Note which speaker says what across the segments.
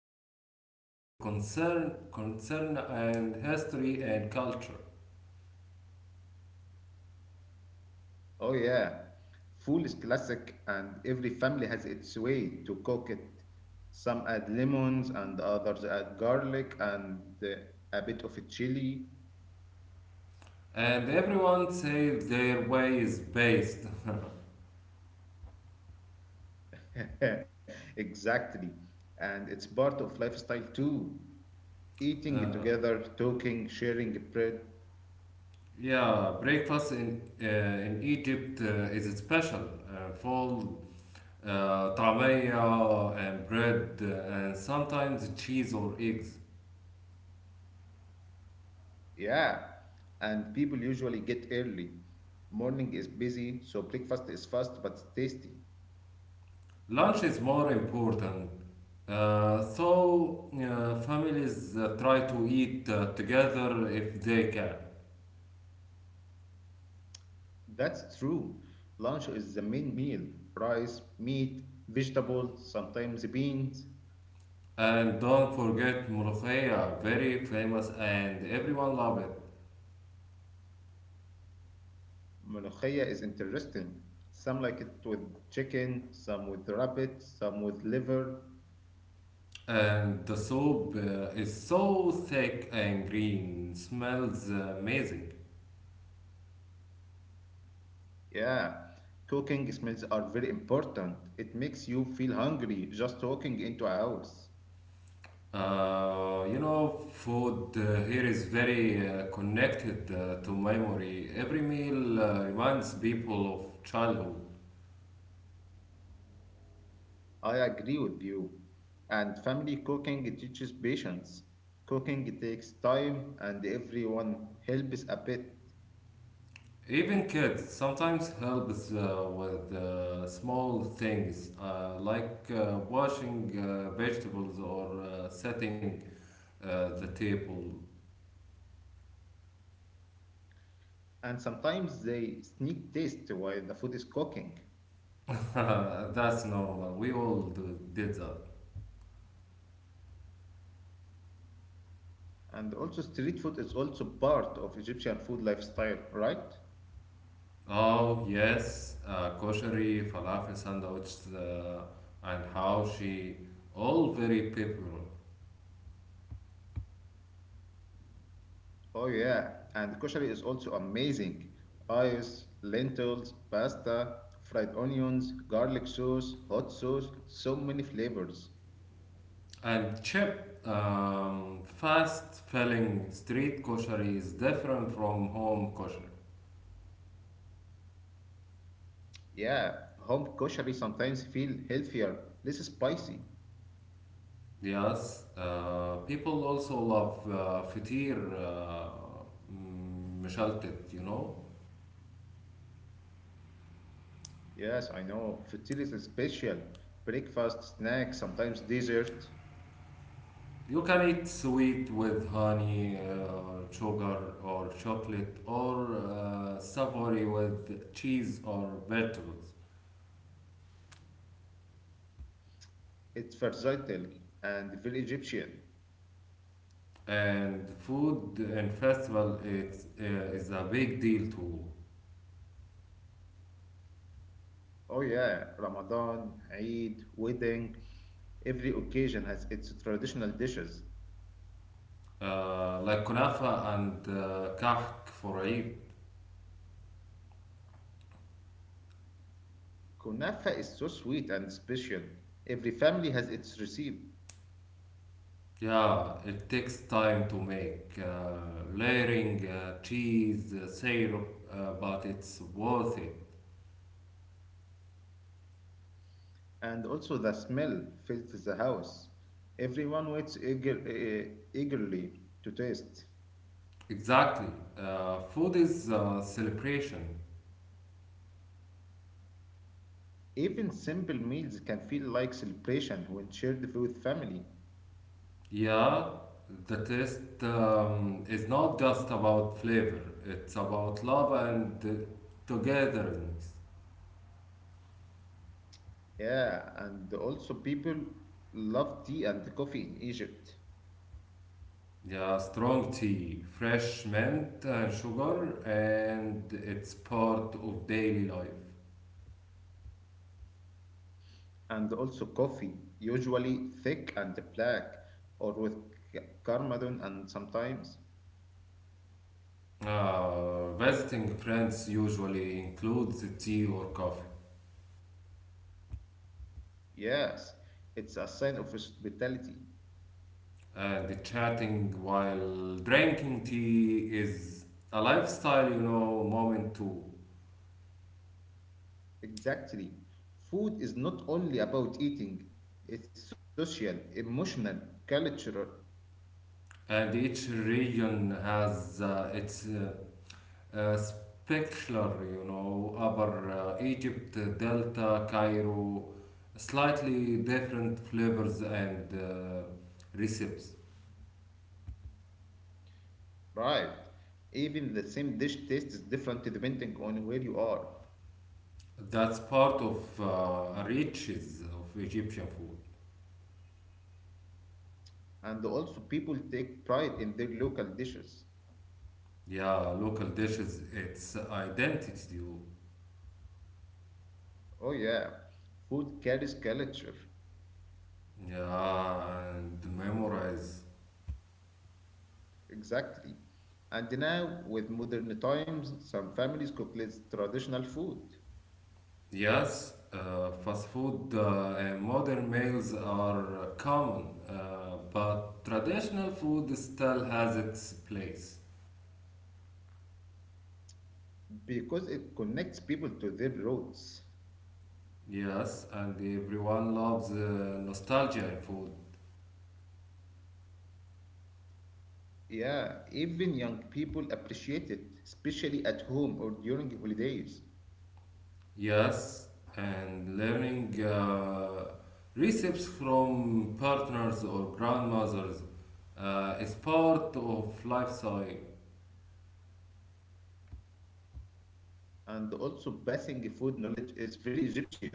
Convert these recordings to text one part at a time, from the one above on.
Speaker 1: eating. It's a concern and history and culture.
Speaker 2: Oh, yeah. Food is classic, and every family has its way to cook it. Some add lemons, and others add garlic, and a bit of a chili.
Speaker 1: And everyone says their way is based.
Speaker 2: Exactly. And it's part of lifestyle too. Eating
Speaker 1: Uh,
Speaker 2: together, talking, sharing bread.
Speaker 1: yeah, breakfast in Egypt is special, full طعمية and bread and sometimes cheese or eggs.
Speaker 2: Yeah. And people usually get early. Morning is busy, so breakfast is fast but tasty.
Speaker 1: Lunch is more important. So families try to eat together if they can.
Speaker 2: That's true. Lunch is the main meal. Rice, meat, vegetables, sometimes beans.
Speaker 1: And don't forget ملوخية, very famous and everyone love it.
Speaker 2: Molokhia is interesting. Some like it with chicken, some with rabbit, some with liver.
Speaker 1: And the soup is so thick and green, smells amazing.
Speaker 2: Yeah, cooking smells are very important. It makes you feel hungry just walking into a house.
Speaker 1: Food here is very connected to memory. Every meal reminds people of childhood.
Speaker 2: I agree with you. And family cooking teaches patience. Cooking takes time and everyone helps a bit.
Speaker 1: Even kids sometimes helps with small things like washing vegetables or setting the table.
Speaker 2: And sometimes they sneak taste while the food is cooking.
Speaker 1: That's normal. We all did that.
Speaker 2: And also street food is also part of Egyptian food lifestyle, right?
Speaker 1: Oh, yes, koshari, falafel sandwiches, and haoshi, all very popular.
Speaker 2: Oh yeah, and koshari is also amazing. Rice, lentils, pasta, fried onions, garlic sauce, hot sauce, so many flavors.
Speaker 1: And cheap, fast filling street koshari is different from home koshari.
Speaker 2: Yeah, home koshari sometimes feel healthier, less spicy.
Speaker 1: Yes, people also love fatir, mishaltat, you know.
Speaker 2: Yes, I know. Futil is special. Breakfast, snack, sometimes dessert.
Speaker 1: You can eat sweet with honey, sugar or chocolate or savory with cheese or vegetables.
Speaker 2: It's versatile and very Egyptian.
Speaker 1: And food and festival is a big deal too.
Speaker 2: Oh yeah, Ramadan, Eid, wedding, every occasion has its traditional dishes.
Speaker 1: Like kunafa and kahk for Eid.
Speaker 2: Kunafa is so sweet and special. Every family has its recipe,
Speaker 1: Yeah, it takes time to make layering, cheese, syrup, but it's worth it.
Speaker 2: and also the smell fills the house. Everyone waits eagerly to taste.
Speaker 1: Exactly. Food is celebration.
Speaker 2: Even simple meals can feel like celebration when shared with family.
Speaker 1: Yeah, the taste is not just about flavor, it's about love and togetherness.
Speaker 2: Yeah, and also people love tea and coffee in Egypt.
Speaker 1: Yeah, strong tea, fresh mint and sugar, and it's part of daily life.
Speaker 2: And also coffee, usually thick and black, or with cardamom and sometimes.
Speaker 1: Visiting friends usually includes tea or coffee,
Speaker 2: Yes, it's a sign of hospitality.
Speaker 1: and chatting while drinking tea is a lifestyle, you know, moment too.
Speaker 2: Exactly. Food is not only about eating, it's social, emotional, cultural,
Speaker 1: And each region has its آه، spectacular, you know, Upper Egypt, Delta, Cairo, slightly different flavors and recipes.
Speaker 2: right? Even the same dish tastes different depending on where you are.
Speaker 1: That's part of riches of Egyptian food.
Speaker 2: And also, people take pride in their local dishes.
Speaker 1: Yeah, local dishes, its identity,
Speaker 2: Oh, yeah. Food carries culture.
Speaker 1: yeah, and memorize.
Speaker 2: Exactly. And now, with modern times, some families cook less traditional food
Speaker 1: Yes, fast food and modern meals are common, but traditional food still has its place.
Speaker 2: because it connects people to their roots.
Speaker 1: Yes, and everyone loves nostalgia in food.
Speaker 2: Yeah, even young people appreciate it, especially at home or during holidays.
Speaker 1: Yes, and learning recipes from partners or grandmothers is part of lifestyle.
Speaker 2: And also, passing food knowledge is very Egyptian.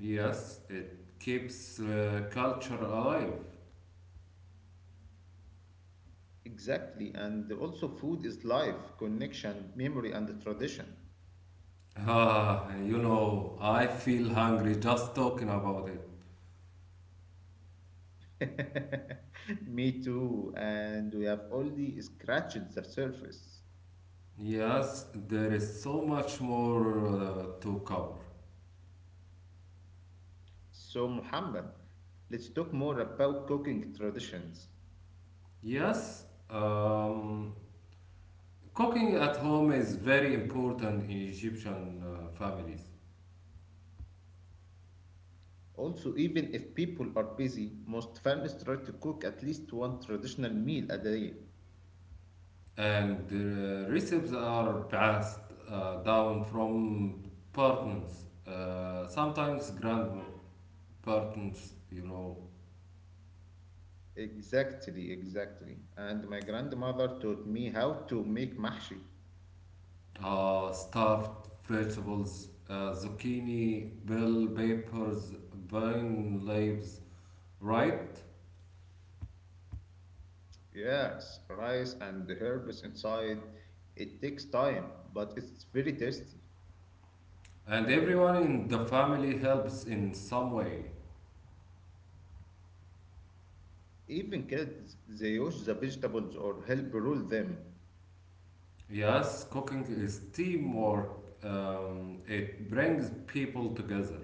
Speaker 1: Yes, it keeps culture alive.
Speaker 2: Exactly. And also, food is life, connection, memory, and tradition.
Speaker 1: I feel hungry just talking about it.
Speaker 2: Me too. And we have only scratched the surface.
Speaker 1: Yes, there is so much more to cover.
Speaker 2: So, Muhammad, let's talk more about cooking traditions.
Speaker 1: Yes, um, cooking at home is very important in Egyptian families,
Speaker 2: Also, even if people are busy, most families try to cook at least one traditional meal a day.
Speaker 1: and the recipes are passed down from partners, sometimes grandparents, you know,
Speaker 2: Exactly, exactly. And my grandmother taught me how to make mahshi.
Speaker 1: stuffed vegetables, zucchini, bell peppers, vine leaves, right?
Speaker 2: Yes, rice and the herbs inside. It takes time, but it's very tasty.
Speaker 1: And everyone in the family helps in some way.
Speaker 2: Even kids, they wash the vegetables or help roll them.
Speaker 1: Yes, cooking is teamwork. It brings people together.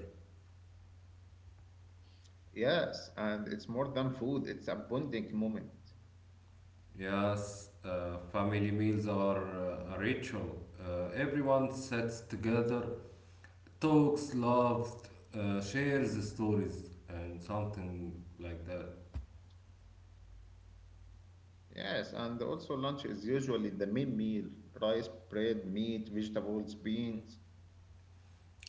Speaker 2: Yes, and it's more than food, it's a bonding moment.
Speaker 1: Yes, family meals are a ritual. Everyone sits together, talks, laughs, shares stories, and something like that.
Speaker 2: Yes, and also lunch is usually the main meal. Rice, bread, meat, vegetables, beans.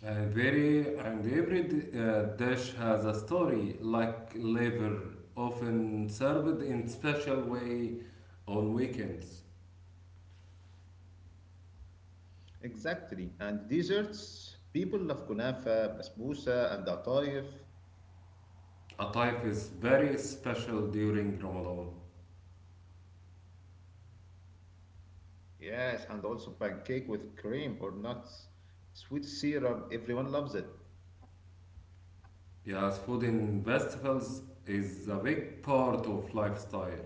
Speaker 1: And every dish has a story, like liver, often served in special way on weekends.
Speaker 2: Exactly. And desserts, people love kunafa, basbousa, and atayef.
Speaker 1: A Ataif is very special during Ramadan.
Speaker 2: Yes, and also pancake with cream or nuts, sweet syrup, everyone loves it.
Speaker 1: Yes, food in festivals is a big part of lifestyle.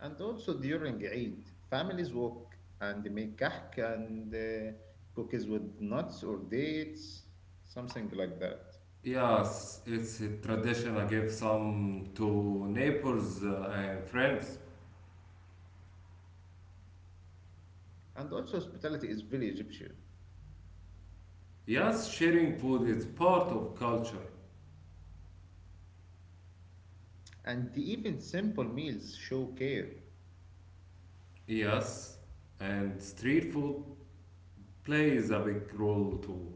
Speaker 2: And also during Eid, families walk and they make kahk and cookies with nuts or dates, something like that.
Speaker 1: Yes, it's a tradition I give some to neighbors and friends.
Speaker 2: And also hospitality is very Egyptian.
Speaker 1: Yes, sharing food is part of culture.
Speaker 2: And even simple meals show care.
Speaker 1: Yes, and street food plays a big role too.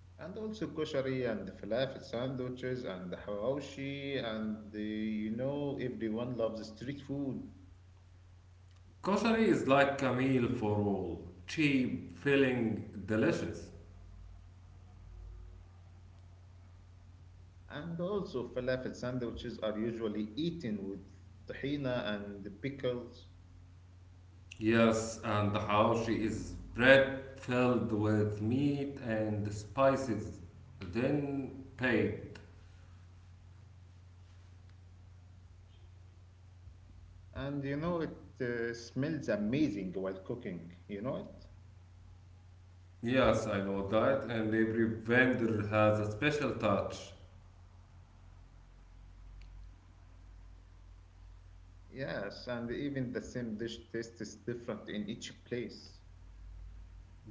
Speaker 2: And also koshari and the falafel sandwiches and the hawashi and the, you know everyone loves street food.
Speaker 1: Kosher is like a meal for all, cheap, filling, delicious.
Speaker 2: And also, falafel sandwiches are usually eaten with tahina and pickles.
Speaker 1: Yes, and how she is bread filled with meat and spices, then paid.
Speaker 2: And you know, it smells amazing while cooking, you know it?
Speaker 1: Yes, I know that, and every vendor has a special touch.
Speaker 2: Yes, and even the same dish tastes different in each place.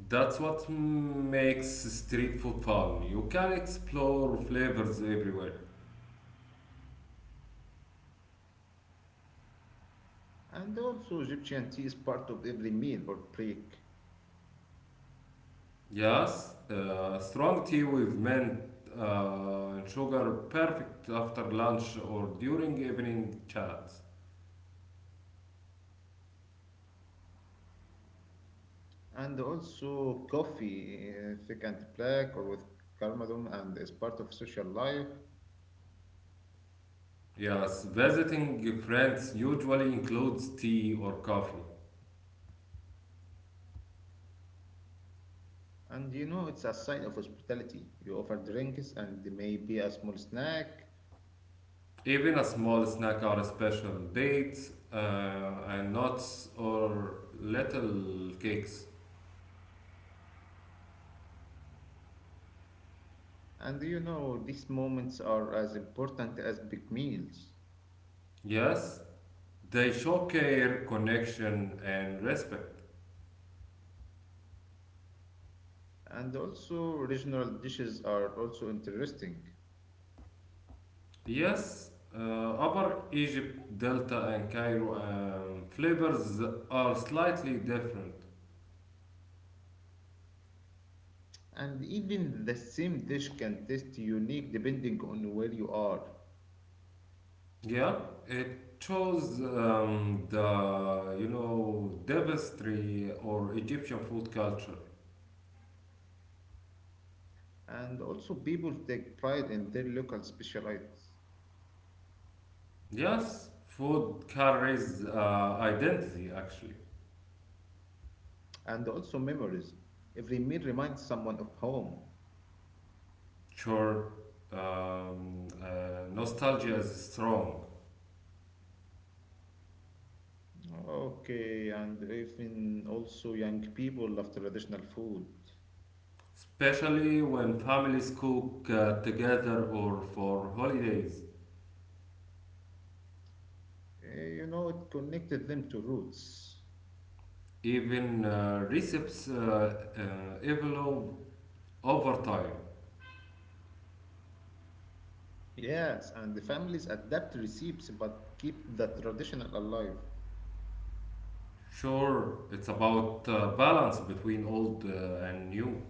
Speaker 1: That's what makes street food fun. You can explore flavors everywhere.
Speaker 2: And also, Egyptian tea is part of every meal or break.
Speaker 1: Yes, strong tea with mint and sugar, perfect after lunch or during evening chats.
Speaker 2: And also, coffee, thick and black or with cardamom, and is part of social life.
Speaker 1: Yes, visiting friends usually includes tea or coffee,
Speaker 2: And you know, it's a sign of hospitality. You offer drinks and maybe a small snack.
Speaker 1: even a small snack or a special date, and nuts or little cakes.
Speaker 2: And you know, these moments are as important as big meals.
Speaker 1: Yes, they show care, connection, and respect.
Speaker 2: And also, regional dishes are also interesting.
Speaker 1: Yes, Upper Egypt, Delta, and Cairo flavors are slightly different.
Speaker 2: And even the same dish can taste unique depending on where you are.
Speaker 1: Yeah, it chose tapestry or Egyptian food culture.
Speaker 2: And also, people take pride in their local specialities
Speaker 1: Yes, food carries identity actually.
Speaker 2: and also memories. Every meal reminds someone of home.
Speaker 1: Sure, nostalgia is strong,
Speaker 2: Okay, and even also young people love traditional food.
Speaker 1: especially when families cook together or for holidays.
Speaker 2: You know, it connected them to roots.
Speaker 1: Even recipes evolve over time.
Speaker 2: Yes, and the families adapt recipes but keep the traditional alive.
Speaker 1: Sure, it's about balance between old and new.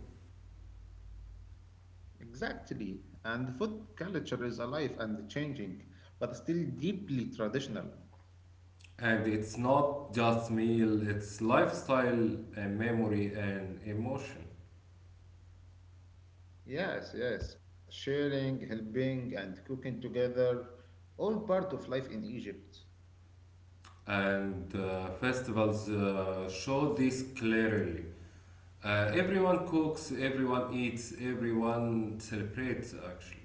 Speaker 2: Exactly. And food culture is alive and changing, but still deeply traditional.
Speaker 1: And it's not just meal, it's lifestyle and memory and emotion.
Speaker 2: Yes, yes. Sharing, helping, and cooking together, all part of life in Egypt.
Speaker 1: And festivals show this clearly. Everyone cooks, everyone eats, everyone celebrates, actually.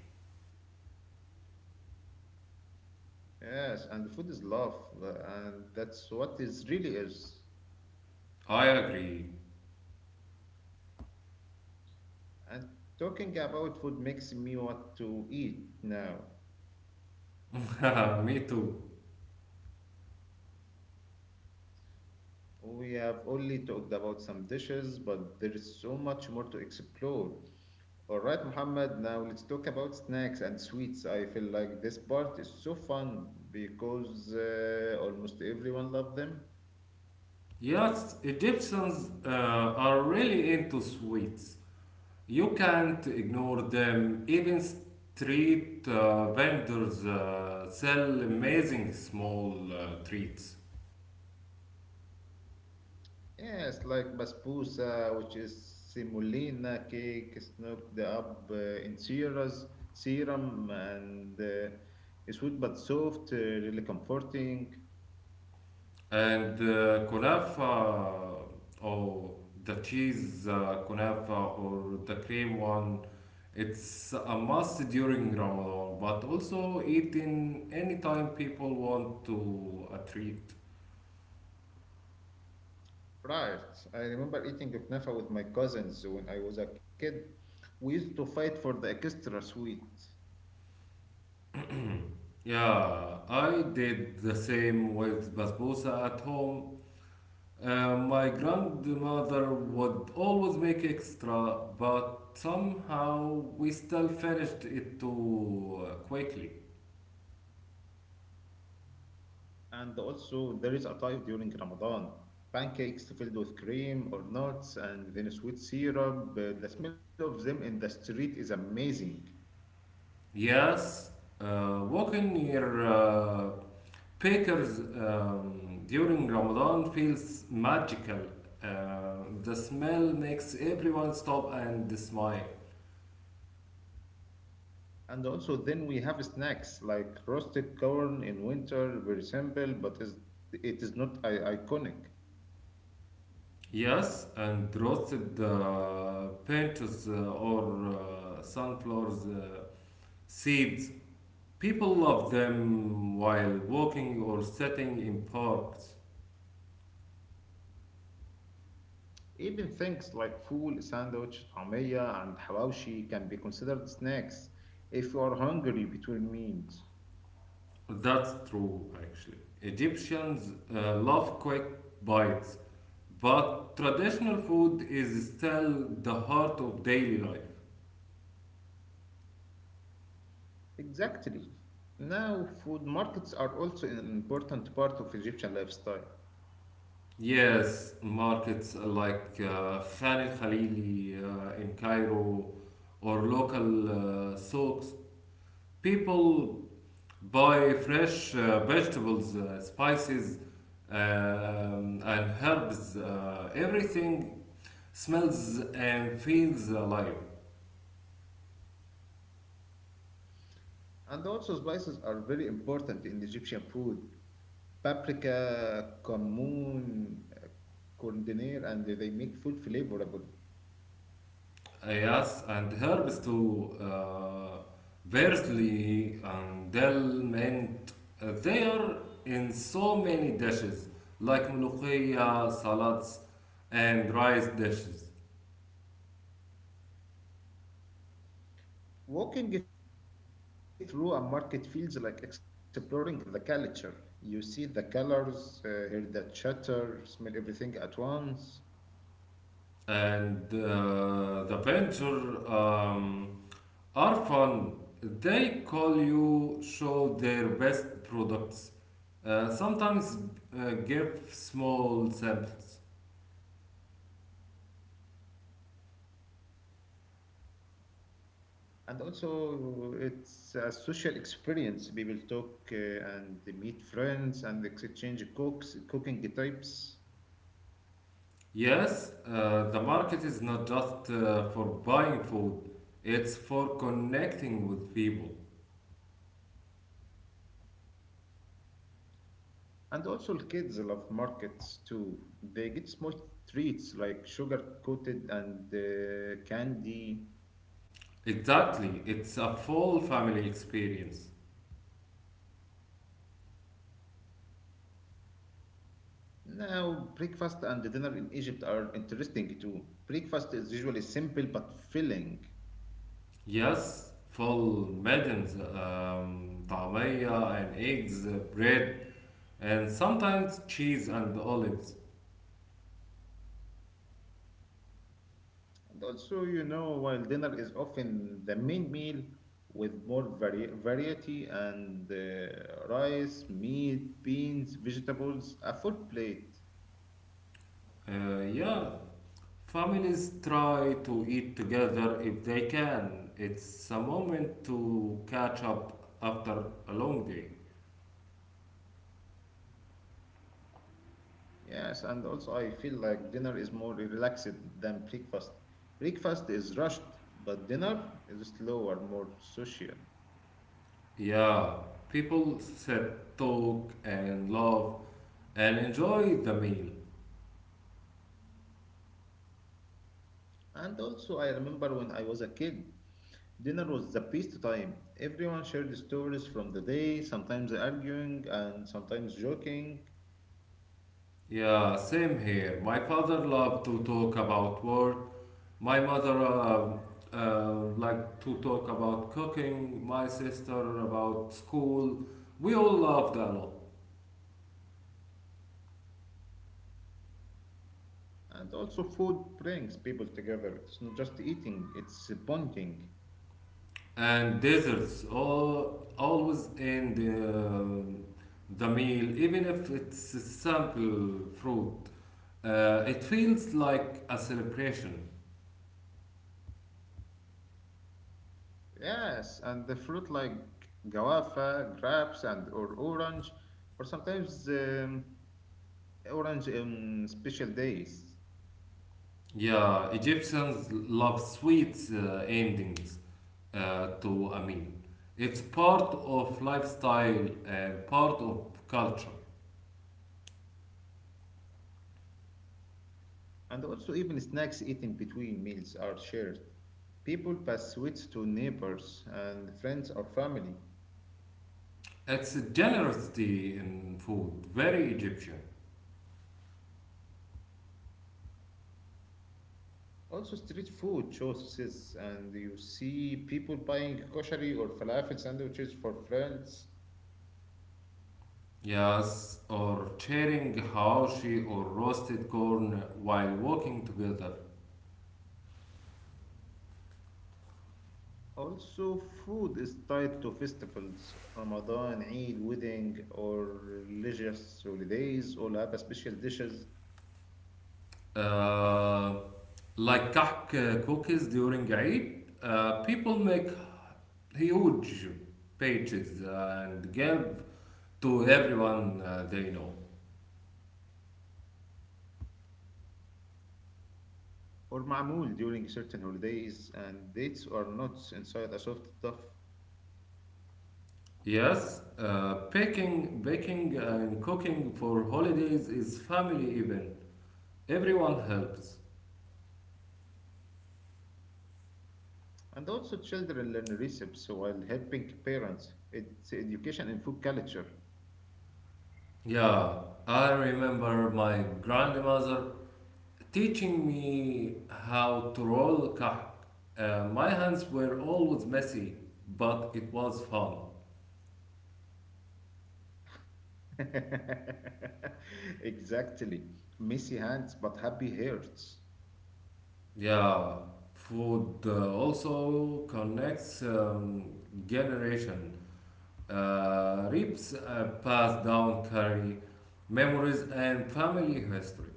Speaker 2: Yes, and food is love, and that's what is really is.
Speaker 1: I agree.
Speaker 2: And talking about food makes me want to eat now.
Speaker 1: Me too.
Speaker 2: We have only talked about some dishes, but there is so much more to explore. All right, Muhammad, now let's talk about snacks and sweets. I feel like this part is so fun because almost everyone loves them.
Speaker 1: Yes, Egyptians are really into sweets. You can't ignore them. Even street vendors sell amazing small treats.
Speaker 2: Yes, like basbousa, which is semolina cake, snooked up in syrups, serum, and it's sweet but soft, really comforting.
Speaker 1: And kunafa or the cheese kunafa or the cream one, it's a must during Ramadan, but also eaten anytime people want to a treat.
Speaker 2: Right. I remember eating kunafa with my cousins when I was a kid. We used to fight for the extra sweet.
Speaker 1: Yeah, I did the same with basbousa at home. My grandmother would always make extra, but somehow we still finished it too quickly.
Speaker 2: And also, there is a type during Ramadan. Pancakes filled with cream or nuts and then sweet syrup. The smell of them in the street is amazing.
Speaker 1: Yes, walking near bakers during Ramadan feels magical. The smell makes everyone stop and smile.
Speaker 2: And also, then we have snacks like roasted corn in winter, very simple, it is not iconic.
Speaker 1: Yes, and roasted pinches or sunflowers seeds. People love them while walking or sitting in parks.
Speaker 2: Even things like food sandwich, طعمية, and hawashi can be considered snacks if you are hungry between meals.
Speaker 1: That's true, actually. Egyptians love quick bites, but traditional food is still the heart of daily life.
Speaker 2: Exactly. Now, food markets are also an important part of Egyptian lifestyle.
Speaker 1: Yes, markets like Khan el Khalili in Cairo or local souks. People buy fresh vegetables, spices, and herbs. Everything smells and feels alive.
Speaker 2: And also, spices are very important in Egyptian food. Paprika, cumin, coriander, and they make food flavorable.
Speaker 1: Yes, and herbs to parsley and dill, mint. They are in so many dishes like mulukhiyah, salads, and rice dishes.
Speaker 2: Walking through a market feels like exploring the culture. You see the colors, hear the chatter, smell everything at once.
Speaker 1: And the venture. Are fun. They call you show their best products. Sometimes give small samples.
Speaker 2: And also, it's a social experience. People talk and they meet friends and exchange cooks, cooking types.
Speaker 1: Yes, the market is not just for buying food, it's for connecting with people.
Speaker 2: And also, kids love markets too. They get small treats like sugar coated and candy.
Speaker 1: Exactly, it's a full family experience.
Speaker 2: Now, breakfast and dinner in Egypt are interesting too. Breakfast is usually simple but filling.
Speaker 1: Yes, full maidens, طعمية and eggs, bread, and sometimes cheese and olives.
Speaker 2: And also, you know, while dinner is often the main meal with more variety and rice, meat, beans, vegetables, a full plate.
Speaker 1: Yeah, families try to eat together if they can. It's a moment to catch up after a long day.
Speaker 2: Yes, and also I feel like dinner is more relaxed than breakfast. Breakfast is rushed, but dinner is slower, more social.
Speaker 1: Yeah, people sit, talk, and laugh and enjoy the meal.
Speaker 2: And also, I remember when I was a kid. Dinner was the best time. Everyone shared stories from the day, sometimes arguing and sometimes joking.
Speaker 1: Yeah, same here. My father loved to talk about work. My mother uh, liked to talk about cooking. My sister about school. We all loved a lot.
Speaker 2: And also, food brings people together. It's not just eating, it's bonding.
Speaker 1: And desserts always in the meal, even if it's a simple fruit. It feels like a celebration.
Speaker 2: Yes, and the fruit like guava, grapes, and or orange, or sometimes orange on special days.
Speaker 1: Yeah, Egyptians love sweet endings to a meal. It's part of lifestyle and part of culture.
Speaker 2: And also, even snacks eaten between meals are shared. People pass sweets to neighbors and friends or family.
Speaker 1: It's generosity in food, very Egyptian.
Speaker 2: Also, street food choices, and you see people buying koshari or falafel sandwiches for friends.
Speaker 1: Yes, or sharing hawashi or roasted corn while walking together.
Speaker 2: Also, food is tied to festivals. Ramadan, Eid, wedding, or religious holidays all have special dishes
Speaker 1: Uh, like kahk cookies during Eid, people make huge pages and give to everyone they know.
Speaker 2: or ma'amul during certain holidays, and dates are nuts inside a soft stuff.
Speaker 1: Yes, baking and cooking for holidays is family event. Everyone helps.
Speaker 2: And also, children learn recipes while helping parents. It's education in food culture.
Speaker 1: Yeah, I remember my grandmother teaching me how to roll kahk. My hands were always messy, but it was fun.
Speaker 2: Exactly. Messy hands, but happy hearts.
Speaker 1: Yeah, food also connects generation. Reaps pass down carry memories and family history.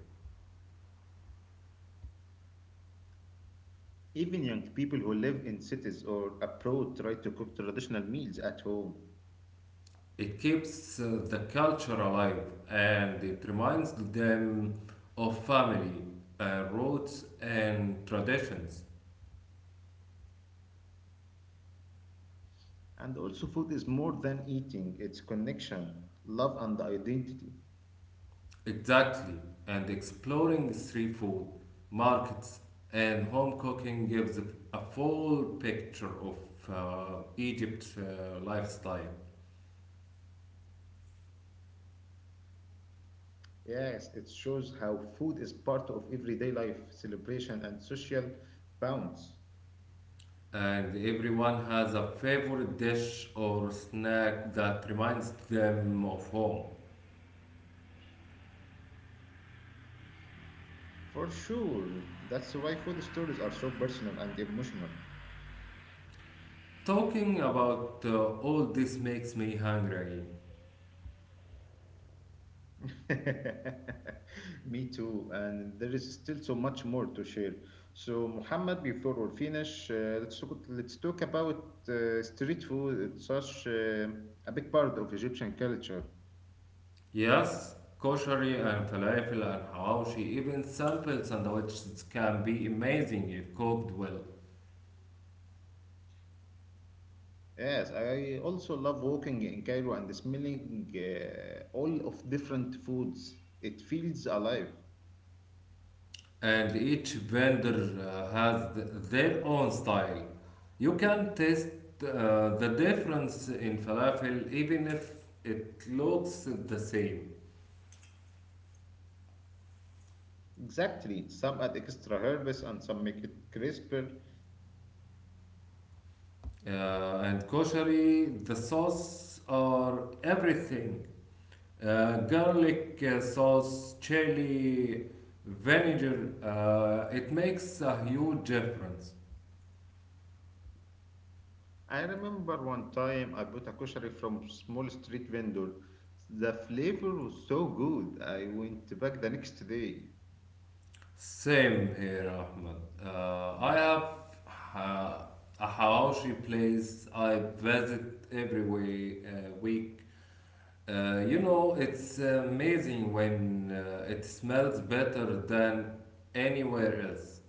Speaker 2: Even young people who live in cities or abroad try to cook traditional meals at home.
Speaker 1: It keeps the culture alive and it reminds them of family, roots, and traditions.
Speaker 2: And also, food is more than eating, it's connection, love, and identity.
Speaker 1: Exactly. And exploring street food, markets, and home cooking gives a full picture of Egypt's lifestyle.
Speaker 2: Yes, it shows how food is part of everyday life, celebration, and social bonds.
Speaker 1: And everyone has a favorite dish or snack that reminds them of home.
Speaker 2: For sure, that's why food stories are so personal and emotional.
Speaker 1: Talking about all this makes me hungry again.
Speaker 2: Me too, and there is still so much more to share. So, Muhammad, before we finish, let's talk about street food. It's such a big part of Egyptian culture.
Speaker 1: Yes, koshari and falafel and hawashi, even simple sandwiches can be amazing if cooked well.
Speaker 2: Yes, I also love walking in Cairo and smelling all of different foods. It feels alive.
Speaker 1: And each vendor has their own style. You can taste the difference in falafel even if it looks the same.
Speaker 2: Exactly. Some add extra herbs and some make it crisper.
Speaker 1: And koshari, the sauce or everything. Garlic sauce, chili, vinegar, it makes a huge difference.
Speaker 2: I remember one time I bought a kosher from a small street vendor. The flavor was so good. I went back the next day.
Speaker 1: Same here, Ahmed. I have uh, a hawashi place I visit every week. It's amazing when it smells better than anywhere else.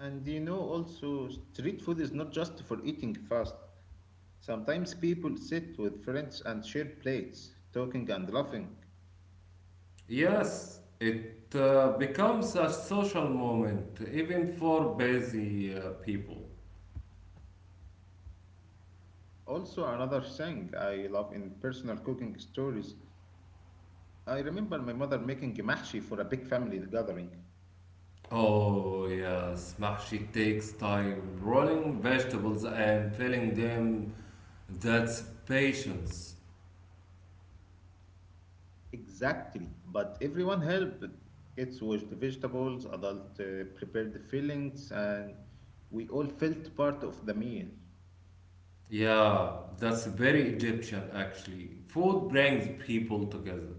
Speaker 2: And you know, also, street food is not just for eating fast. Sometimes people sit with friends and share plates, talking and laughing.
Speaker 1: Yes, it becomes a social moment, even for busy people.
Speaker 2: Also, another thing I love in personal cooking stories. I remember my mother making mahshi for a big family gathering.
Speaker 1: Oh, yes, mahshi takes time, rolling vegetables and filling them. That's patience.
Speaker 2: Exactly, but everyone helped. Kids washed the vegetables, adults prepared the fillings, and we all felt part of the meal.
Speaker 1: Yeah, that's very Egyptian actually. Food brings people together.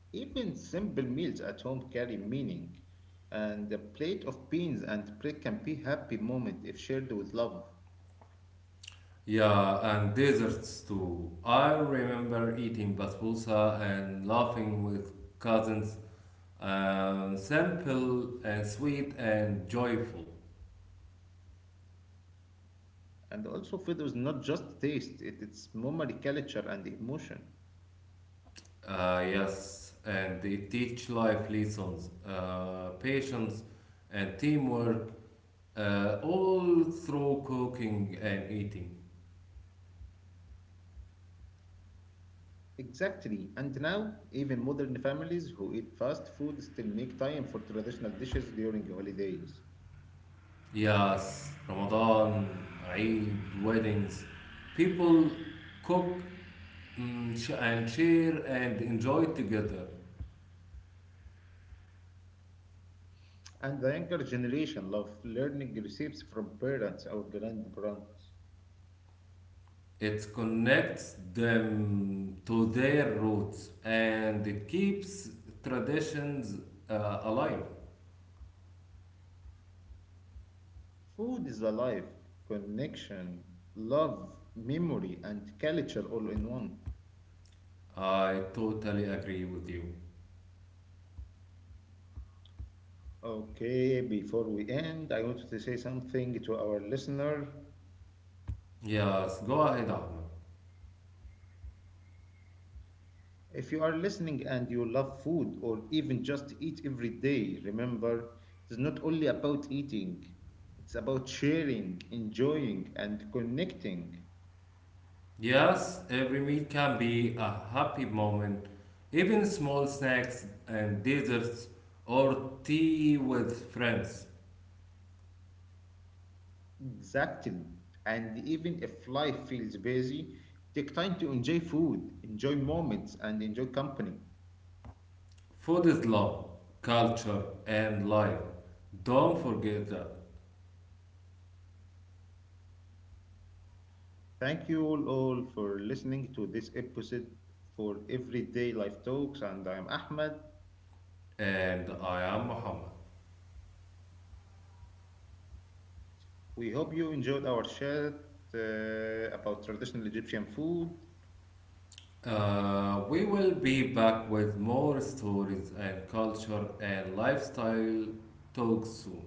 Speaker 2: Even simple meals at home carry meaning, and a plate of beans and bread can be happy moment if shared with love.
Speaker 1: Yeah, and desserts too. I remember eating basbousa and laughing with cousins. Simple and sweet and joyful.
Speaker 2: And also, food is not just taste; it is memory, culture, and emotion.
Speaker 1: Yes, and they teach life lessons, patience and teamwork, all through cooking and eating.
Speaker 2: Exactly, and now even modern families who eat fast food still make time for traditional dishes during holidays.
Speaker 1: Yes, Ramadan, Eid, weddings. People cook and share and enjoy together.
Speaker 2: And the younger generation love learning recipes from parents or grandparents.
Speaker 1: It connects them to their roots and it keeps traditions alive.
Speaker 2: Food is alive, connection, love, memory, and culture all in one.
Speaker 1: I totally agree with you.
Speaker 2: Okay, before we end, I wanted to say something to our listener.
Speaker 1: Yes, go ahead, Ahmed.
Speaker 2: If you are listening and you love food or even just eat every day, remember it's not only about eating, it's about sharing, enjoying, and connecting.
Speaker 1: Yes, every meal can be a happy moment. Even small snacks and desserts or tea with friends.
Speaker 2: Exactly. And even if life feels busy, take time to enjoy food, enjoy moments, and enjoy company.
Speaker 1: Food is love, culture, and life. Don't forget that.
Speaker 2: Thank you all for listening to this episode for Everyday Life Talks, and I'm Ahmed.
Speaker 1: And I am Muhammad.
Speaker 2: We hope you enjoyed our chat uh, about traditional Egyptian food.
Speaker 1: We will be back with more stories and culture and lifestyle talks soon.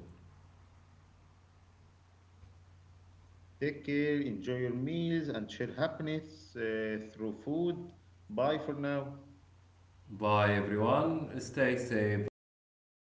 Speaker 2: Take care, enjoy your meals, and share happiness through food. Bye for now.
Speaker 1: Bye everyone. Stay safe and